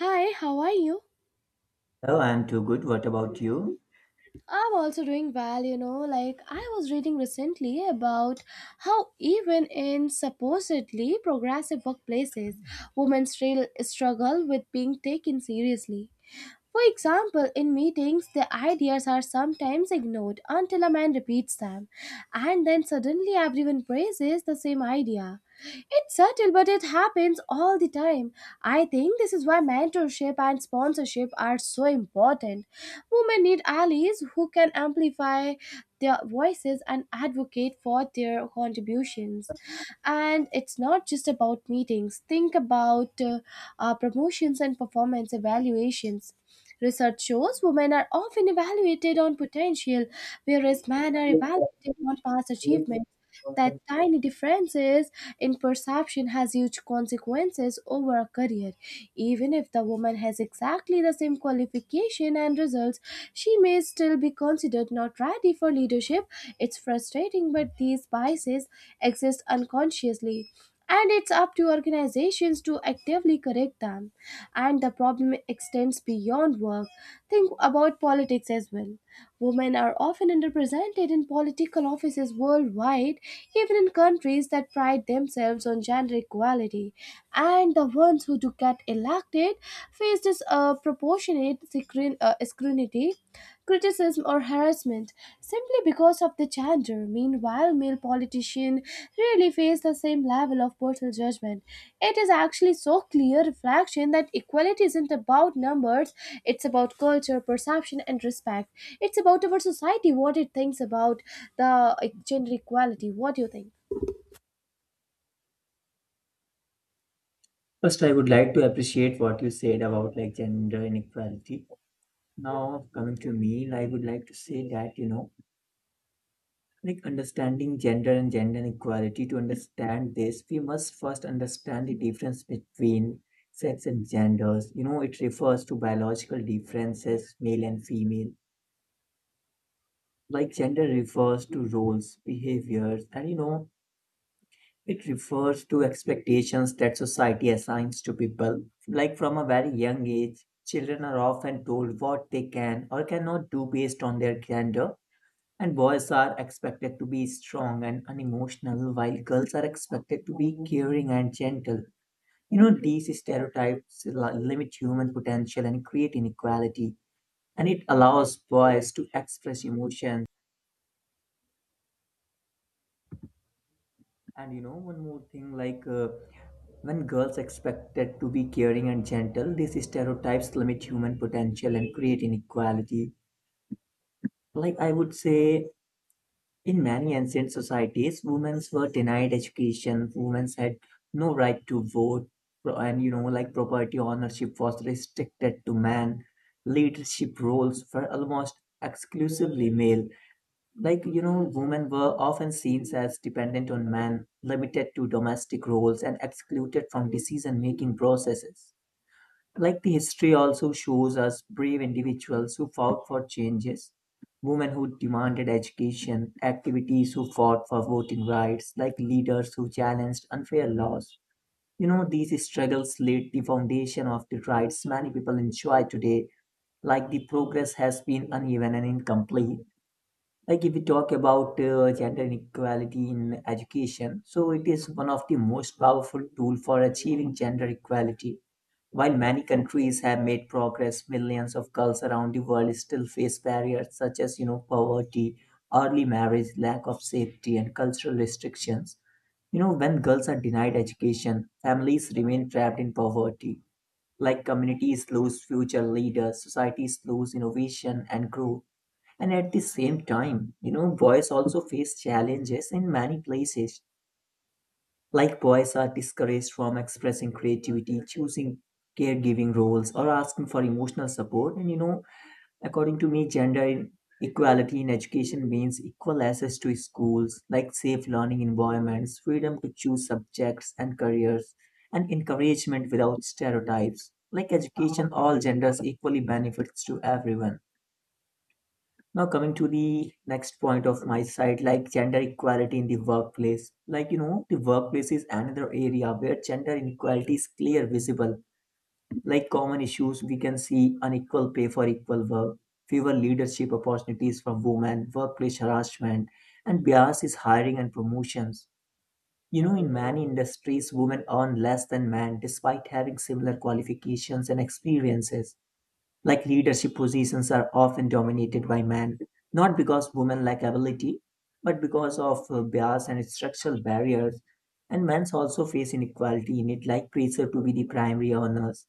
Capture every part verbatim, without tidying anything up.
Hi, how are you? Hello, I'm too good. What about you? I'm also doing well, you know. Like, I was reading recently about how, even in supposedly progressive workplaces, women still struggle with being taken seriously. For example, in meetings, the ideas are sometimes ignored until a man repeats them, and then suddenly everyone praises the same idea. It's subtle, but it happens all the time. I think this is why mentorship and sponsorship are so important. Women need allies who can amplify their voices and advocate for their contributions. And it's not just about meetings, think about uh, uh, promotions and performance evaluations. Research shows women are often evaluated on potential, whereas men are evaluated on past achievements. That tiny differences in perception has huge consequences over a career. Even if the woman has exactly the same qualification and results, she may still be considered not ready for leadership. It's frustrating, but these biases exist unconsciously and it's up to organizations to actively correct them. And the problem extends beyond work. Think about politics as well. Women are often underrepresented in political offices worldwide, even in countries that pride themselves on gender equality. And the ones who do get elected face disproportionate uh, proportionate scrutiny criticism, or harassment simply because of the gender. Meanwhile, male politicians really face the same level of personal judgment. It is actually so clear reflection that equality isn't about numbers, it's about culture, perception, and respect. It's about our society, what it thinks about the uh, gender equality. What do you think? First, I would like to appreciate what you said about like gender inequality. Now, coming to me, I would like to say that, you know, like understanding gender and gender inequality, to understand this, we must first understand the difference between sex and genders. You know, it refers to biological differences, male and female. Like gender refers to roles, behaviors, and you know, it refers to expectations that society assigns to people. Like from a very young age, children are often told what they can or cannot do based on their gender, and boys are expected to be strong and unemotional, while girls are expected to be caring and gentle. You know, these stereotypes li- limit human potential and create inequality, and it allows boys to express emotions. And you know, one more thing like uh, when girls are expected to be caring and gentle, these stereotypes limit human potential and create inequality. Like I would say, in many ancient societies, women were denied education, women had no right to vote, pro- and you know, like property ownership was restricted to men. Leadership roles were almost exclusively male. Like, you know, women were often seen as dependent on men, limited to domestic roles, and excluded from decision making processes. Like the history also shows us brave individuals who fought for changes, women who demanded education, activities who fought for voting rights, like leaders who challenged unfair laws. You know, these struggles laid the foundation of the rights many people enjoy today, like the progress has been uneven and incomplete. Like if we talk about uh, gender inequality in education, so it is one of the most powerful tool for achieving gender equality. While many countries have made progress, millions of girls around the world still face barriers such as, you know, poverty, early marriage, lack of safety, and cultural restrictions. You know, when girls are denied education, families remain trapped in poverty, like communities lose future leaders, societies lose innovation and growth. And at the same time, you know, boys also face challenges in many places. Like boys are discouraged from expressing creativity, choosing caregiving roles, or asking for emotional support. And you know, according to me, gender equality in education means equal access to schools, like safe learning environments, freedom to choose subjects and careers, and encouragement without stereotypes. Like education, all genders equally benefits to everyone. Now, coming to the next point of my side, like gender equality in the workplace. Like, you know, the workplace is another area where gender inequality is clear, visible. Like common issues, we can see unequal pay for equal work, fewer leadership opportunities for women, workplace harassment, and bias is hiring and promotions. You know, in many industries, women earn less than men despite having similar qualifications and experiences, like leadership positions are often dominated by men, not because women lack ability, but because of uh, bias and structural barriers. And men also face inequality in it, like pressure to be the primary earners,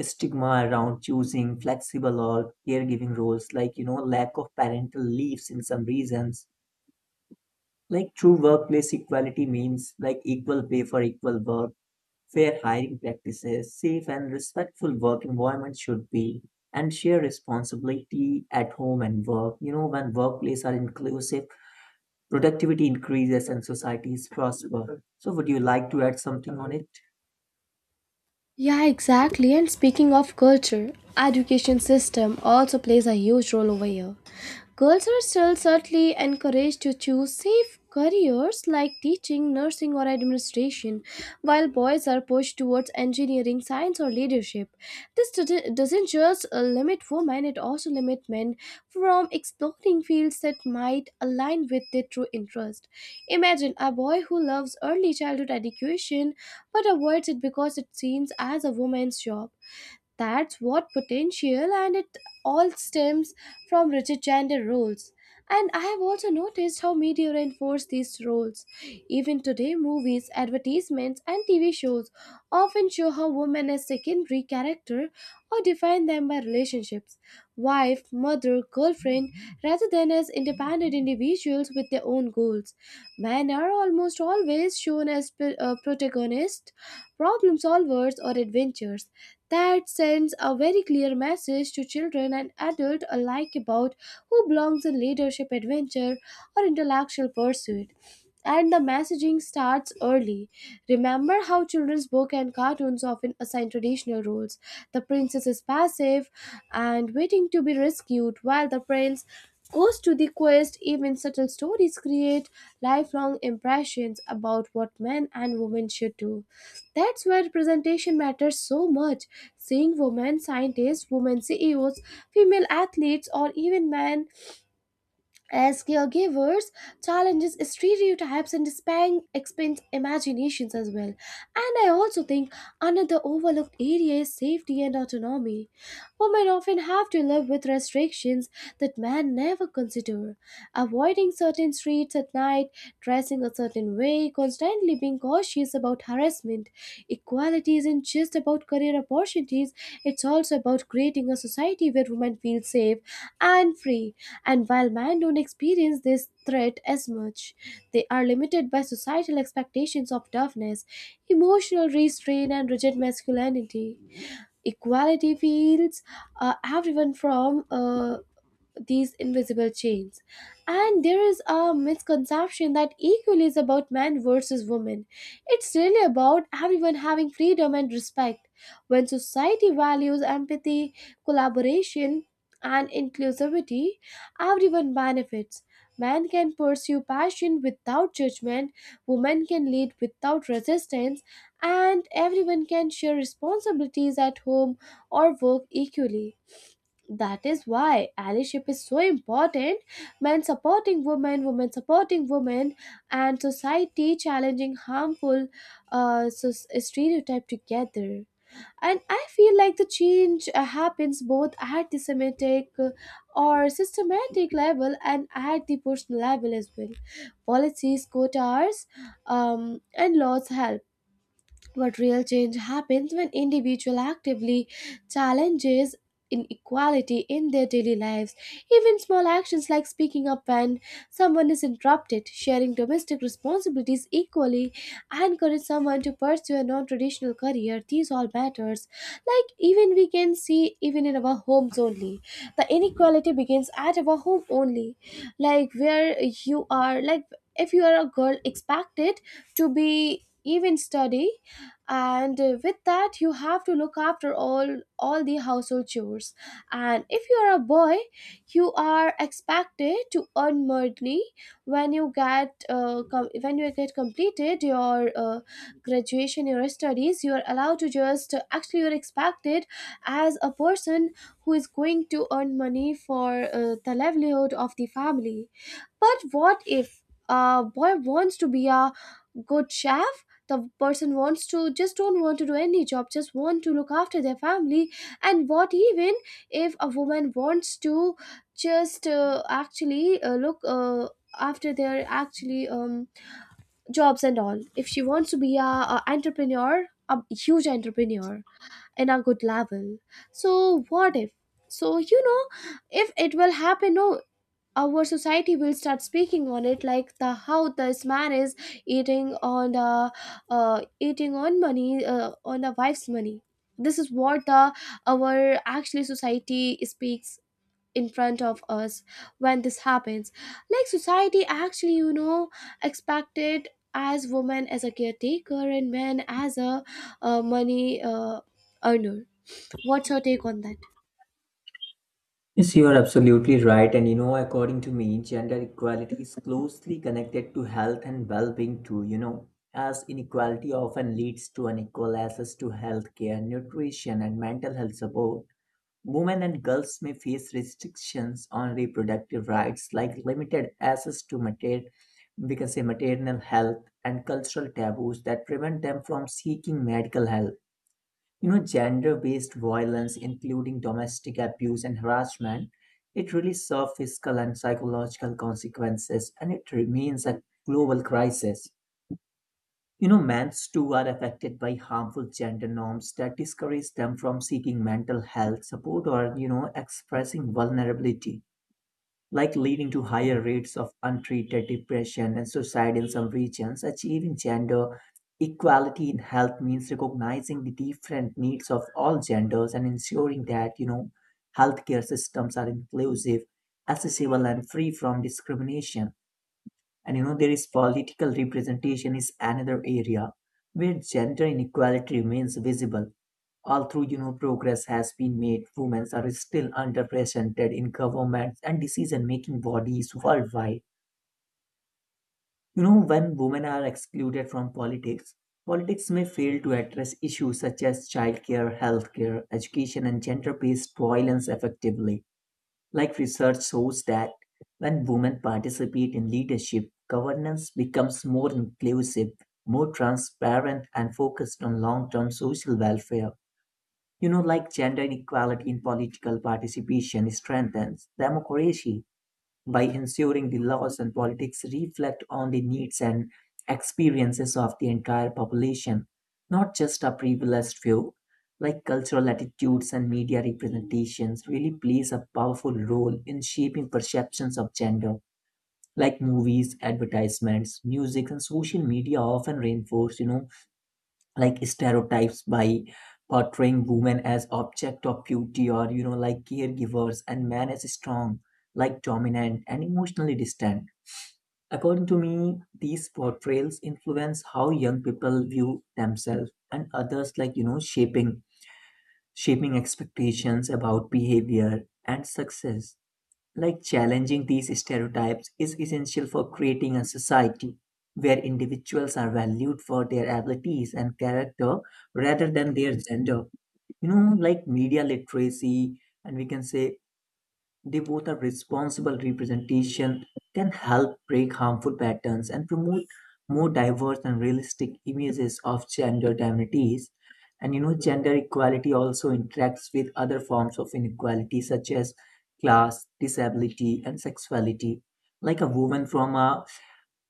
stigma around choosing flexible or caregiving roles, like you know, lack of parental leaves in some regions. Like true workplace equality means like equal pay for equal work, fair hiring practices, safe and respectful work environment should be, and share responsibility at home and work. You know, when workplaces are inclusive, productivity increases and societies prosper. So, would you like to add something on it? Yeah, exactly. And speaking of culture, education system also plays a huge role over here. Girls are still certainly encouraged to choose safe careers like teaching, nursing, or administration, while boys are pushed towards engineering, science, or leadership. This doesn't doesn't just uh, limit women; it also limits men from exploring fields that might align with their true interest. Imagine a boy who loves early childhood education but avoids it because it seems as a woman's job. That's what potential, and it all stems from rigid gender roles. And I have also noticed how media reinforce these roles. Even today, movies, advertisements, and T V shows often show how women as secondary character or define them by relationships wife, mother, girlfriend rather than as independent individuals with their own goals. Men are almost always shown as p- uh, protagonists, problem solvers, or adventurers that sends a very clear message to children and adults alike about who belongs in leadership adventure or intellectual pursuit. And the messaging starts early. Remember how children's book and cartoons often assign traditional roles. The princess is passive and waiting to be rescued, while the prince goes to the quest. Even subtle stories create lifelong impressions about what men and women should do. That's why representation matters so much. Seeing women scientists, women C E Os, female athletes, or even men as caregivers, challenges stereotypes and span expand imaginations as well. And I also think another overlooked area is safety and autonomy. Women often have to live with restrictions that men never consider. Avoiding certain streets at night, dressing a certain way, constantly being cautious about harassment. Equality isn't just about career opportunities, it's also about creating a society where women feel safe and free. And while men don't experience this threat as much, they are limited by societal expectations of toughness, emotional restraint, and rigid masculinity. Equality feels uh, everyone from uh, these invisible chains. And there is a misconception that equal is about men versus women. It's really about everyone having freedom and respect. When society values empathy, collaboration, and inclusivity, everyone benefits. Men can pursue passion without judgment, women can lead without resistance, and everyone can share responsibilities at home or work equally. That is why allyship is so important, men supporting women, women supporting women, and society challenging harmful uh, so- stereotype together. And I feel like the change uh, happens both at the semantic uh, or systematic level and at the personal level as well. Policies, quotas, um, and laws help, but real change happens when individuals actively challenges inequality in their daily lives. Even small actions like speaking up when someone is interrupted, sharing domestic responsibilities equally, and encourage someone to pursue a non-traditional career. These all matters. Like even we can see even in our homes only. The inequality begins at our home only. Like where you are, like if you are a girl expected to be even study, and uh, with that you have to look after all all the household chores. And if you are a boy, you are expected to earn money when you get uh, com- when you get completed your uh, graduation, your studies, you are allowed to just uh, actually you're expected as a person who is going to earn money for uh, the livelihood of the family. But what if a boy wants to be a good chef, the person wants to just don't want to do any job, just want to look after their family? And what even if a woman wants to just uh, actually uh, look uh, after their actually um, jobs and all, if she wants to be a, a entrepreneur, a huge entrepreneur in a good level? So what if, so you know, if it will happen, no, our society will start speaking on it, like the how this man is eating on the uh, eating on money uh, on the wife's money. This is what the our actually society speaks in front of us when this happens. Like society actually, you know, expected as women as a caretaker and men as a uh, money uh, earner. What's your take on that? Yes, you are absolutely right. And you know, according to me, gender equality is closely connected to health and well being, too. You know, as inequality often leads to unequal access to healthcare, nutrition, and mental health support. Women and girls may face restrictions on reproductive rights, like limited access to mater- we can say maternal health and cultural taboos that prevent them from seeking medical help. You know, gender-based violence, including domestic abuse and harassment, it really serves physical and psychological consequences, and it remains a global crisis. You know, men's too are affected by harmful gender norms that discourage them from seeking mental health support or, you know, expressing vulnerability, like leading to higher rates of untreated depression and suicide in some regions. Achieving gender equality in health means recognizing the different needs of all genders and ensuring that, you know, healthcare systems are inclusive, accessible, and free from discrimination. And you know, there is political representation is another area where gender inequality remains visible. Although, you know, progress has been made, women are still underrepresented in governments and decision-making bodies worldwide. You know, when women are excluded from politics, politics may fail to address issues such as childcare, healthcare, education, and gender-based violence effectively. Like research shows that when women participate in leadership, governance becomes more inclusive, more transparent, and focused on long term social welfare. You know, like gender inequality in political participation strengthens democracy by ensuring the laws and politics reflect on the needs and experiences of the entire population, not just a privileged few. Like cultural attitudes and media representations really plays a powerful role in shaping perceptions of gender. Like movies, advertisements, music, and social media often reinforce, you know, like stereotypes by portraying women as object of beauty, or you know, like caregivers, and men as strong, like dominant and emotionally distant. According to me, these portrayals influence how young people view themselves and others, like you know, shaping shaping expectations about behavior and success. Like challenging these stereotypes is essential for creating a society where individuals are valued for their abilities and character rather than their gender. You know, like media literacy, and we can say they both are responsible representation, can help break harmful patterns and promote more diverse and realistic images of gender divinities. And you know, gender equality also interacts with other forms of inequality such as class, disability, and sexuality. Like a woman from a,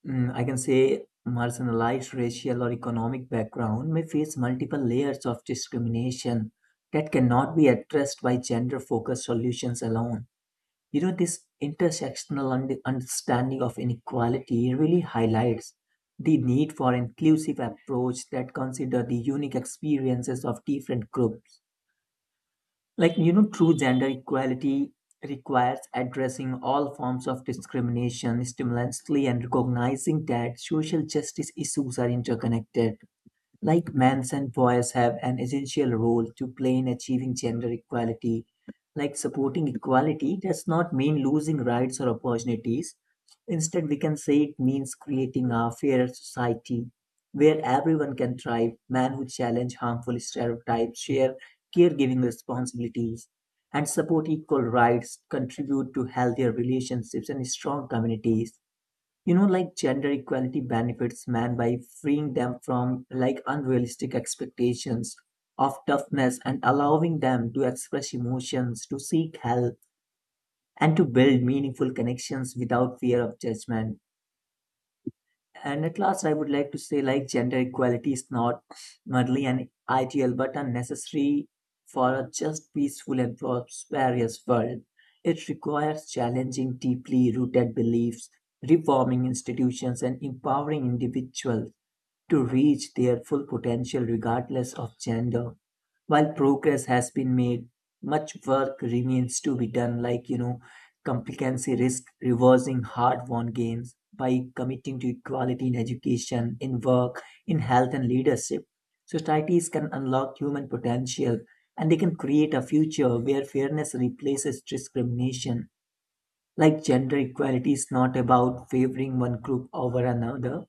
mm, I can say, marginalized racial or economic background may face multiple layers of discrimination that cannot be addressed by gender focused solutions alone. You know, this intersectional understanding of inequality really highlights the need for inclusive approach that consider the unique experiences of different groups. Like, you know, true gender equality requires addressing all forms of discrimination stimulantly and recognizing that social justice issues are interconnected. Like men and boys have an essential role to play in achieving gender equality. Like supporting equality does not mean losing rights or opportunities. Instead, we can say it means creating a fairer society where everyone can thrive. Men who challenge harmful stereotypes, share caregiving responsibilities, and support equal rights contribute to healthier relationships and strong communities. You know, like gender equality benefits men by freeing them from like unrealistic expectations of toughness and allowing them to express emotions, to seek help, and to build meaningful connections without fear of judgment. And at last, I would like to say like gender equality is not merely an ideal but a necessary for a just, peaceful, and prosperous world. It requires challenging deeply rooted beliefs, reforming institutions, and empowering individuals to reach their full potential regardless of gender. While progress has been made, much work remains to be done, like, you know, complicancy risk reversing hard won gains by committing to equality in education, in work, in health, and leadership. Societies can unlock human potential and they can create a future where fairness replaces discrimination. Like gender equality is not about favoring one group over another,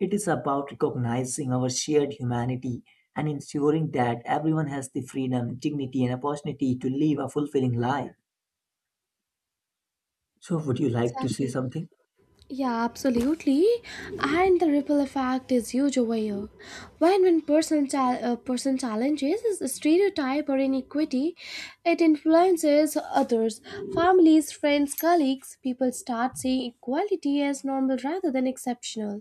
it is about recognizing our shared humanity and ensuring that everyone has the freedom, dignity, and opportunity to live a fulfilling life. So, would you like to say Exactly. something? Yeah, absolutely. And the ripple effect is huge over here. When when person chal uh, person challenges is stereotype or inequity, it influences others, families, friends, colleagues. People start seeing equality as normal rather than exceptional,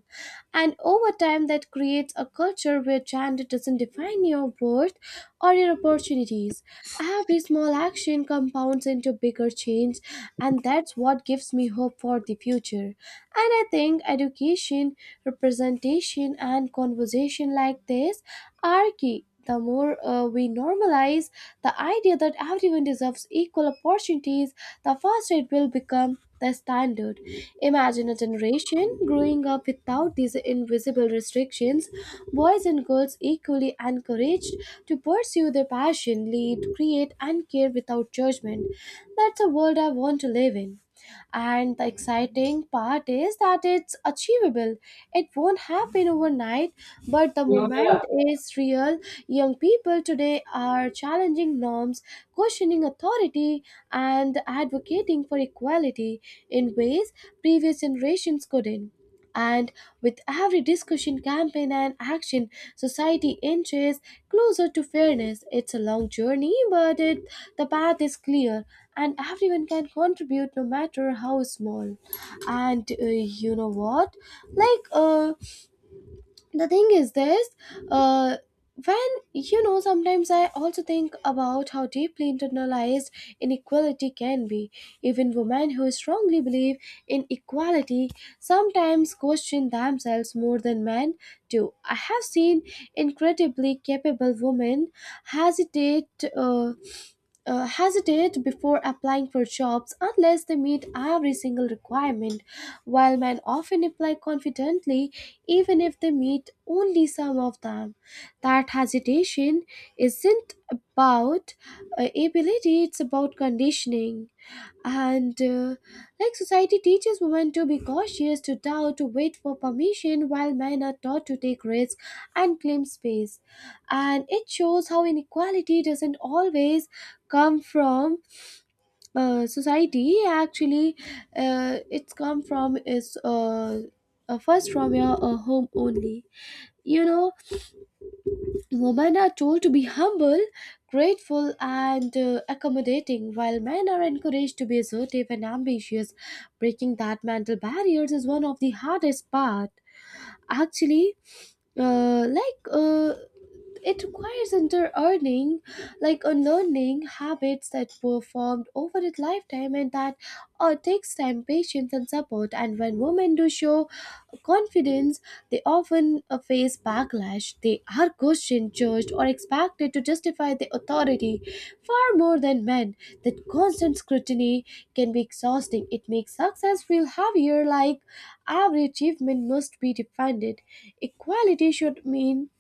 and over time that creates a culture where gender doesn't define your worth or your opportunities. Every small action compounds into bigger change, and that's what gives me hope for the future. And I think education, representation, and conversation like this are key. The more uh, we normalize the idea that everyone deserves equal opportunities, the faster it will become the standard. Imagine a generation growing up without these invisible restrictions, boys and girls equally encouraged to pursue their passion, lead, create, and care without judgment. That's a world I want to live in. And the exciting part is that it's achievable. It won't happen overnight, but the moment is real. Young people today are challenging norms, questioning authority, and advocating for equality in ways previous generations couldn't. And with every discussion, campaign, and action, society inches closer to fairness. It's a long journey, but it, the path is clear, and everyone can contribute no matter how small. And uh, you know what? Like, uh, the thing is this, uh when you know sometimes I also think about how deeply internalized inequality can be. Even women who strongly believe in equality sometimes question themselves more than men do. I have seen incredibly capable women hesitate uh, uh, hesitate before applying for jobs unless they meet every single requirement, while men often apply confidently even if they meet only some of them. That hesitation isn't about uh, ability, it's about conditioning. And uh, like society teaches women to be cautious, to doubt, to wait for permission, while men are taught to take risks and claim space. And it shows how inequality doesn't always come from uh, society actually, uh, it's come from is uh, uh, first from your uh, home only. You know, women are told to be humble, grateful, and uh, accommodating, while men are encouraged to be assertive and ambitious. Breaking that mental barriers is one of the hardest part actually. uh, like uh, It requires unlearning, like unlearning habits that were formed over a lifetime, and that uh, takes time, patience, and support. And when women do show confidence, they often uh, face backlash. They are questioned, judged, or expected to justify their authority far more than men. That constant scrutiny can be exhausting. It makes success feel heavier, like every achievement must be defended. Equality should mean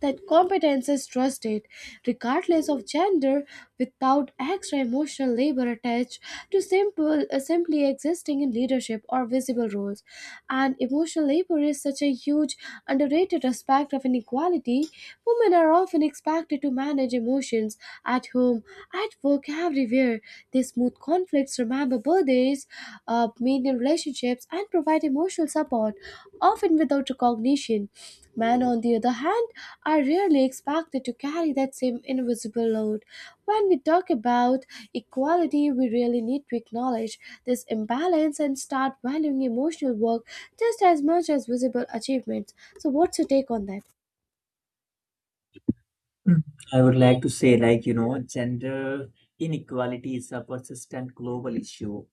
that competence is trusted regardless of gender, without extra emotional labor attached to simple uh, simply existing in leadership or visible roles. And emotional labor is such a huge underrated aspect of inequality. Women are often expected to manage emotions at home, at work, everywhere. They smooth conflicts, remember birthdays, uh, maintain relationships, and provide emotional support often without to cognition. Men, on the other hand, are rarely expected to carry that same invisible load. When we talk about equality, we really need to acknowledge this imbalance and start valuing emotional work just as much as visible achievements. So, what's your take on that? Mm. I would like to say, like, you know, gender inequality is a persistent global issue,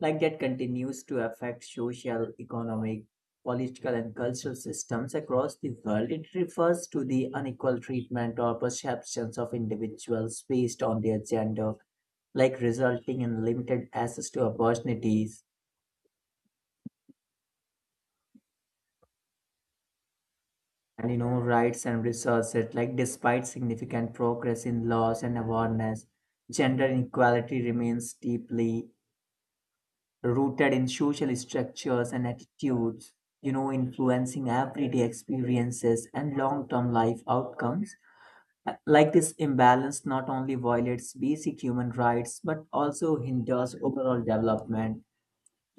like, that continues to affect social, economic, political, and cultural systems across the world. It refers to the unequal treatment or perceptions of individuals based on their gender, like resulting in limited access to opportunities and, you know, rights and resources. Like despite significant progress in laws and awareness, gender inequality remains deeply rooted in social structures and attitudes, you know, influencing everyday experiences and long-term life outcomes. Uh, like this imbalance not only violates basic human rights but also hinders overall development.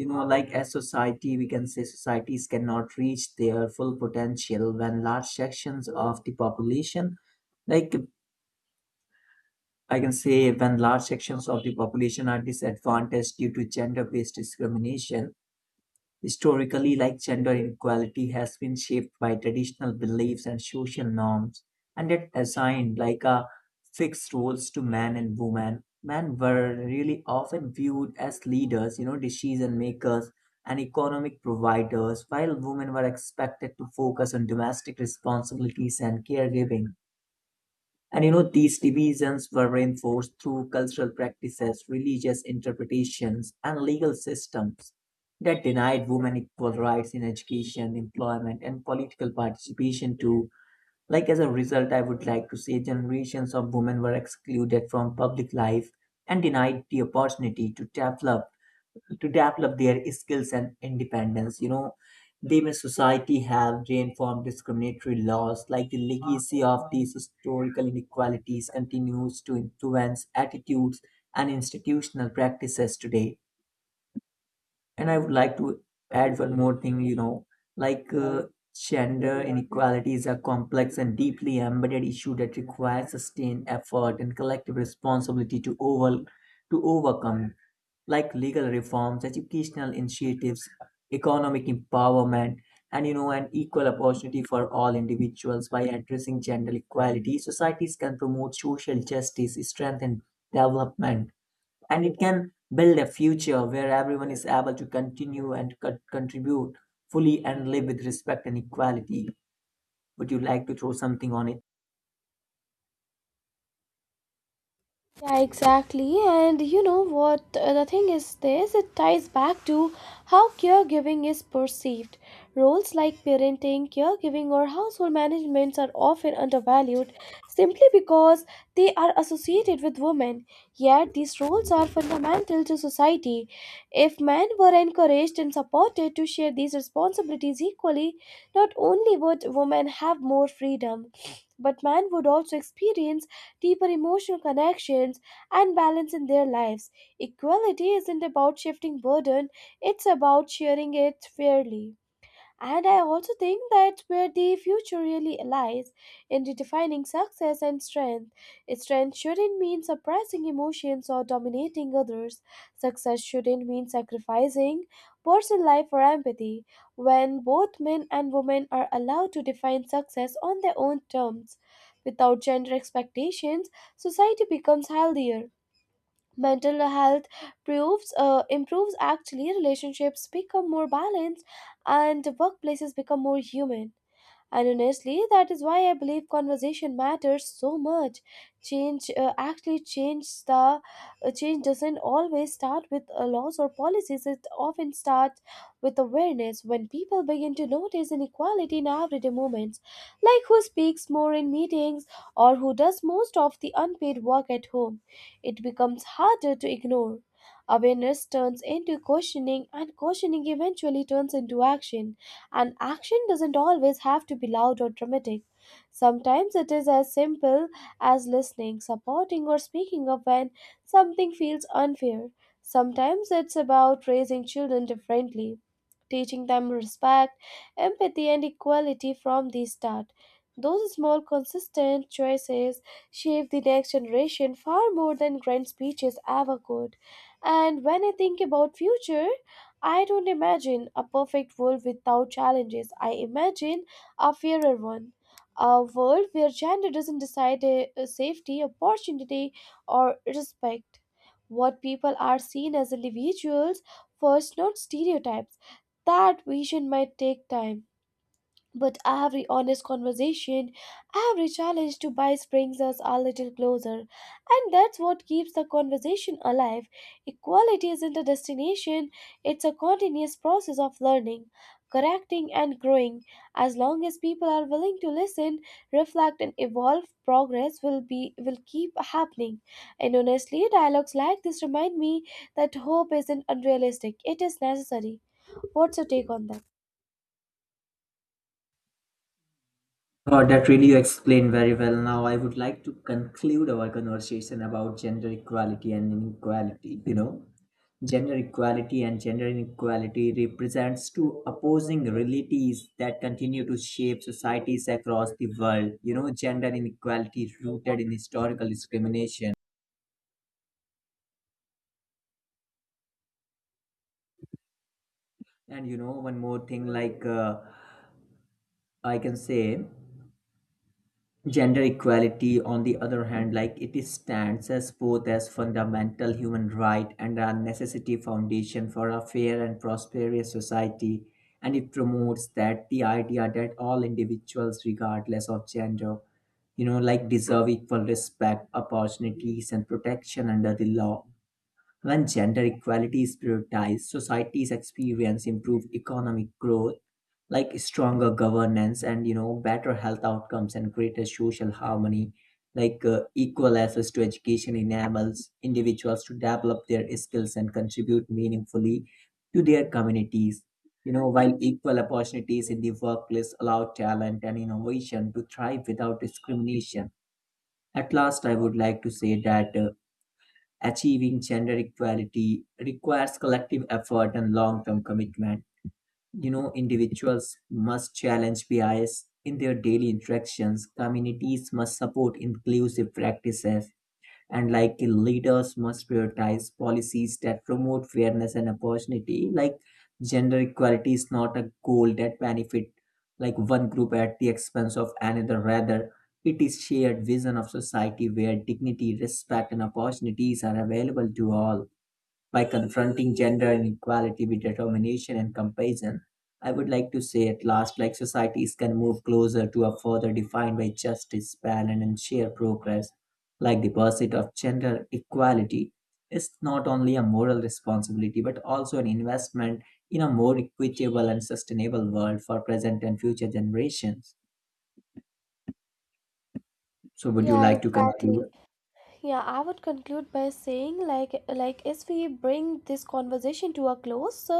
You know, like as society, we can say societies cannot reach their full potential when large sections of the population, like I can say, when large sections of the population are disadvantaged due to gender based discrimination. Historically, like gender inequality has been shaped by traditional beliefs and social norms, and it assigned like a fixed roles to men and women. Men were really often viewed as leaders, you know, decision makers and economic providers, while women were expected to focus on domestic responsibilities and caregiving. And you know, these divisions were reinforced through cultural practices, religious interpretations, and legal systems that denied women equal rights in education, employment, and political participation too. Like as a result, I would like to say generations of women were excluded from public life and denied the opportunity to develop to develop their skills and independence. You know, they may society have reinformed discriminatory laws, like the legacy of these historical inequalities continues to influence attitudes and institutional practices today. And I would like to add one more thing, you know, like uh, gender inequality is a complex and deeply embedded issue that requires sustained effort and collective responsibility to over to overcome, like legal reforms, educational initiatives, economic empowerment, and you know, an equal opportunity for all individuals. By addressing gender equality, societies can promote social justice, strengthen development, and it can build a future where everyone is able to continue and co- contribute fully and live with respect and equality. Would you like to throw something on it? Yeah, exactly. And you know what? uh, The thing is, this it ties back to how caregiving is perceived. Roles like parenting, caregiving, or household management are often undervalued simply because they are associated with women. Yet, these roles are fundamental to society. If men were encouraged and supported to share these responsibilities equally, not only would women have more freedom, but man would also experience deeper emotional connections and balance in their lives. Equality isn't about shifting burden, it's about sharing it fairly. And I also think that where the future really lies in redefining success and strength. Strength shouldn't mean suppressing emotions or dominating others. Success shouldn't mean sacrificing personal life for empathy. When both men and women are allowed to define success on their own terms, without gender expectations, society becomes healthier, mental health proves uh, improves, actually, relationships become more balanced and workplaces become more human, and honestly, that is why I believe conversation matters so much. Change uh, actually change the uh, Change doesn't always start with uh, laws or policies. It often starts with awareness. When people begin to notice inequality in everyday moments, like who speaks more in meetings or who does most of the unpaid work at home, it becomes harder to ignore. Awareness turns into questioning, and questioning eventually turns into action. And action doesn't always have to be loud or dramatic. Sometimes it is as simple as listening, supporting, or speaking up when something feels unfair. Sometimes it's about raising children differently, teaching them respect, empathy, and equality from the start. Those small, consistent choices shape the next generation far more than grand speeches ever could. And when I think about future, I don't imagine a perfect world without challenges. I imagine a fairer one. A world where gender doesn't decide a, safety, opportunity, or respect. What people are seen as individuals first, not stereotypes. That vision might take time, but every honest conversation, every challenge to bias brings us a little closer. And that's what keeps the conversation alive. Equality isn't a destination, it's a continuous process of learning, correcting, and growing. As long as people are willing to listen, reflect, and evolve, progress will, be, will keep happening. And honestly, dialogues like this remind me that hope isn't unrealistic, it is necessary. What's your take on that? Oh, that really you explained very well. Now, I would like to conclude our conversation about gender equality and inequality. You know, gender equality and gender inequality represents two opposing realities that continue to shape societies across the world. You know, gender inequality rooted in historical discrimination. And you know, one more thing, like uh, I can say, gender equality, on the other hand, like it is stands as both as fundamental human right and a necessity foundation for a fair and prosperous society. And it promotes that the idea that all individuals, regardless of gender, you know, like deserve equal respect, opportunities, and protection under the law. When gender equality is prioritized, societies experience improved economic growth, like stronger governance and, you know, better health outcomes and greater social harmony. Like uh, equal access to education enables individuals to develop their skills and contribute meaningfully to their communities. You know, while equal opportunities in the workplace allow talent and innovation to thrive without discrimination. At last, I would like to say that uh, achieving gender equality requires collective effort and long-term commitment. You know, individuals must challenge bias in their daily interactions. Communities must support inclusive practices, and like leaders must prioritize policies that promote fairness and opportunity. Like gender equality is not a goal that benefit like one group at the expense of another, rather it is shared vision of society where dignity, respect, and opportunities are available to all. By confronting gender inequality with determination and compassion, I would like to say at last, like societies can move closer to a further defined by justice, balance, and shared progress. Like the pursuit of gender equality is not only a moral responsibility but also an investment in a more equitable and sustainable world for present and future generations. So, would you Yeah, like to exactly. conclude? yeah I would conclude by saying, like like as we bring this conversation to a close, so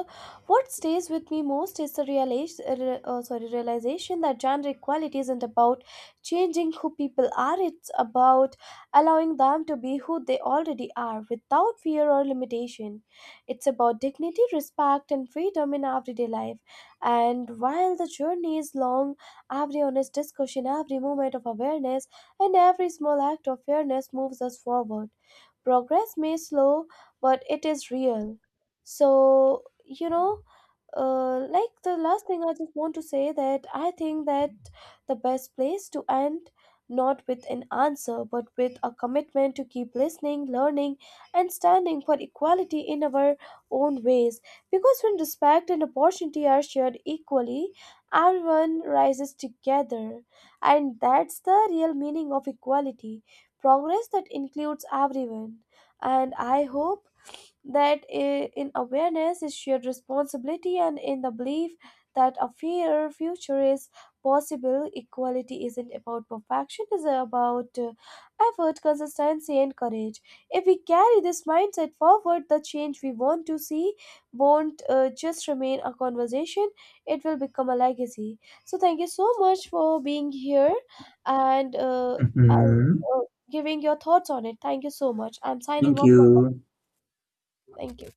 what stays with me most is the realization, uh, re- uh, sorry, realization that gender equality isn't about changing who people are, it's about allowing them to be who they already are without fear or limitation. It's about dignity, respect, and freedom in everyday life. And while the journey is long, every honest discussion, every moment of awareness, and every small act of fairness moves us forward. Progress may slow, but it is real. So, you know, uh, like, the last thing I just want to say, that I think that the best place to end, not with an answer but with a commitment to keep listening, learning, and standing for equality in our own ways. Because when respect and opportunity are shared equally, everyone rises together. And that's the real meaning of equality, progress that includes everyone. And I hope that i- in awareness is shared responsibility, and in the belief that a fair future is possible. Equality isn't about perfection, it's about uh, effort, consistency, and courage. If we carry this mindset forward, the change we want to see won't uh, just remain a conversation, it will become a legacy. So thank you so much for being here, and uh, uh, Mhm. uh, giving your thoughts on it. Thank you so much, I'm signing Thank off. you. Thank you.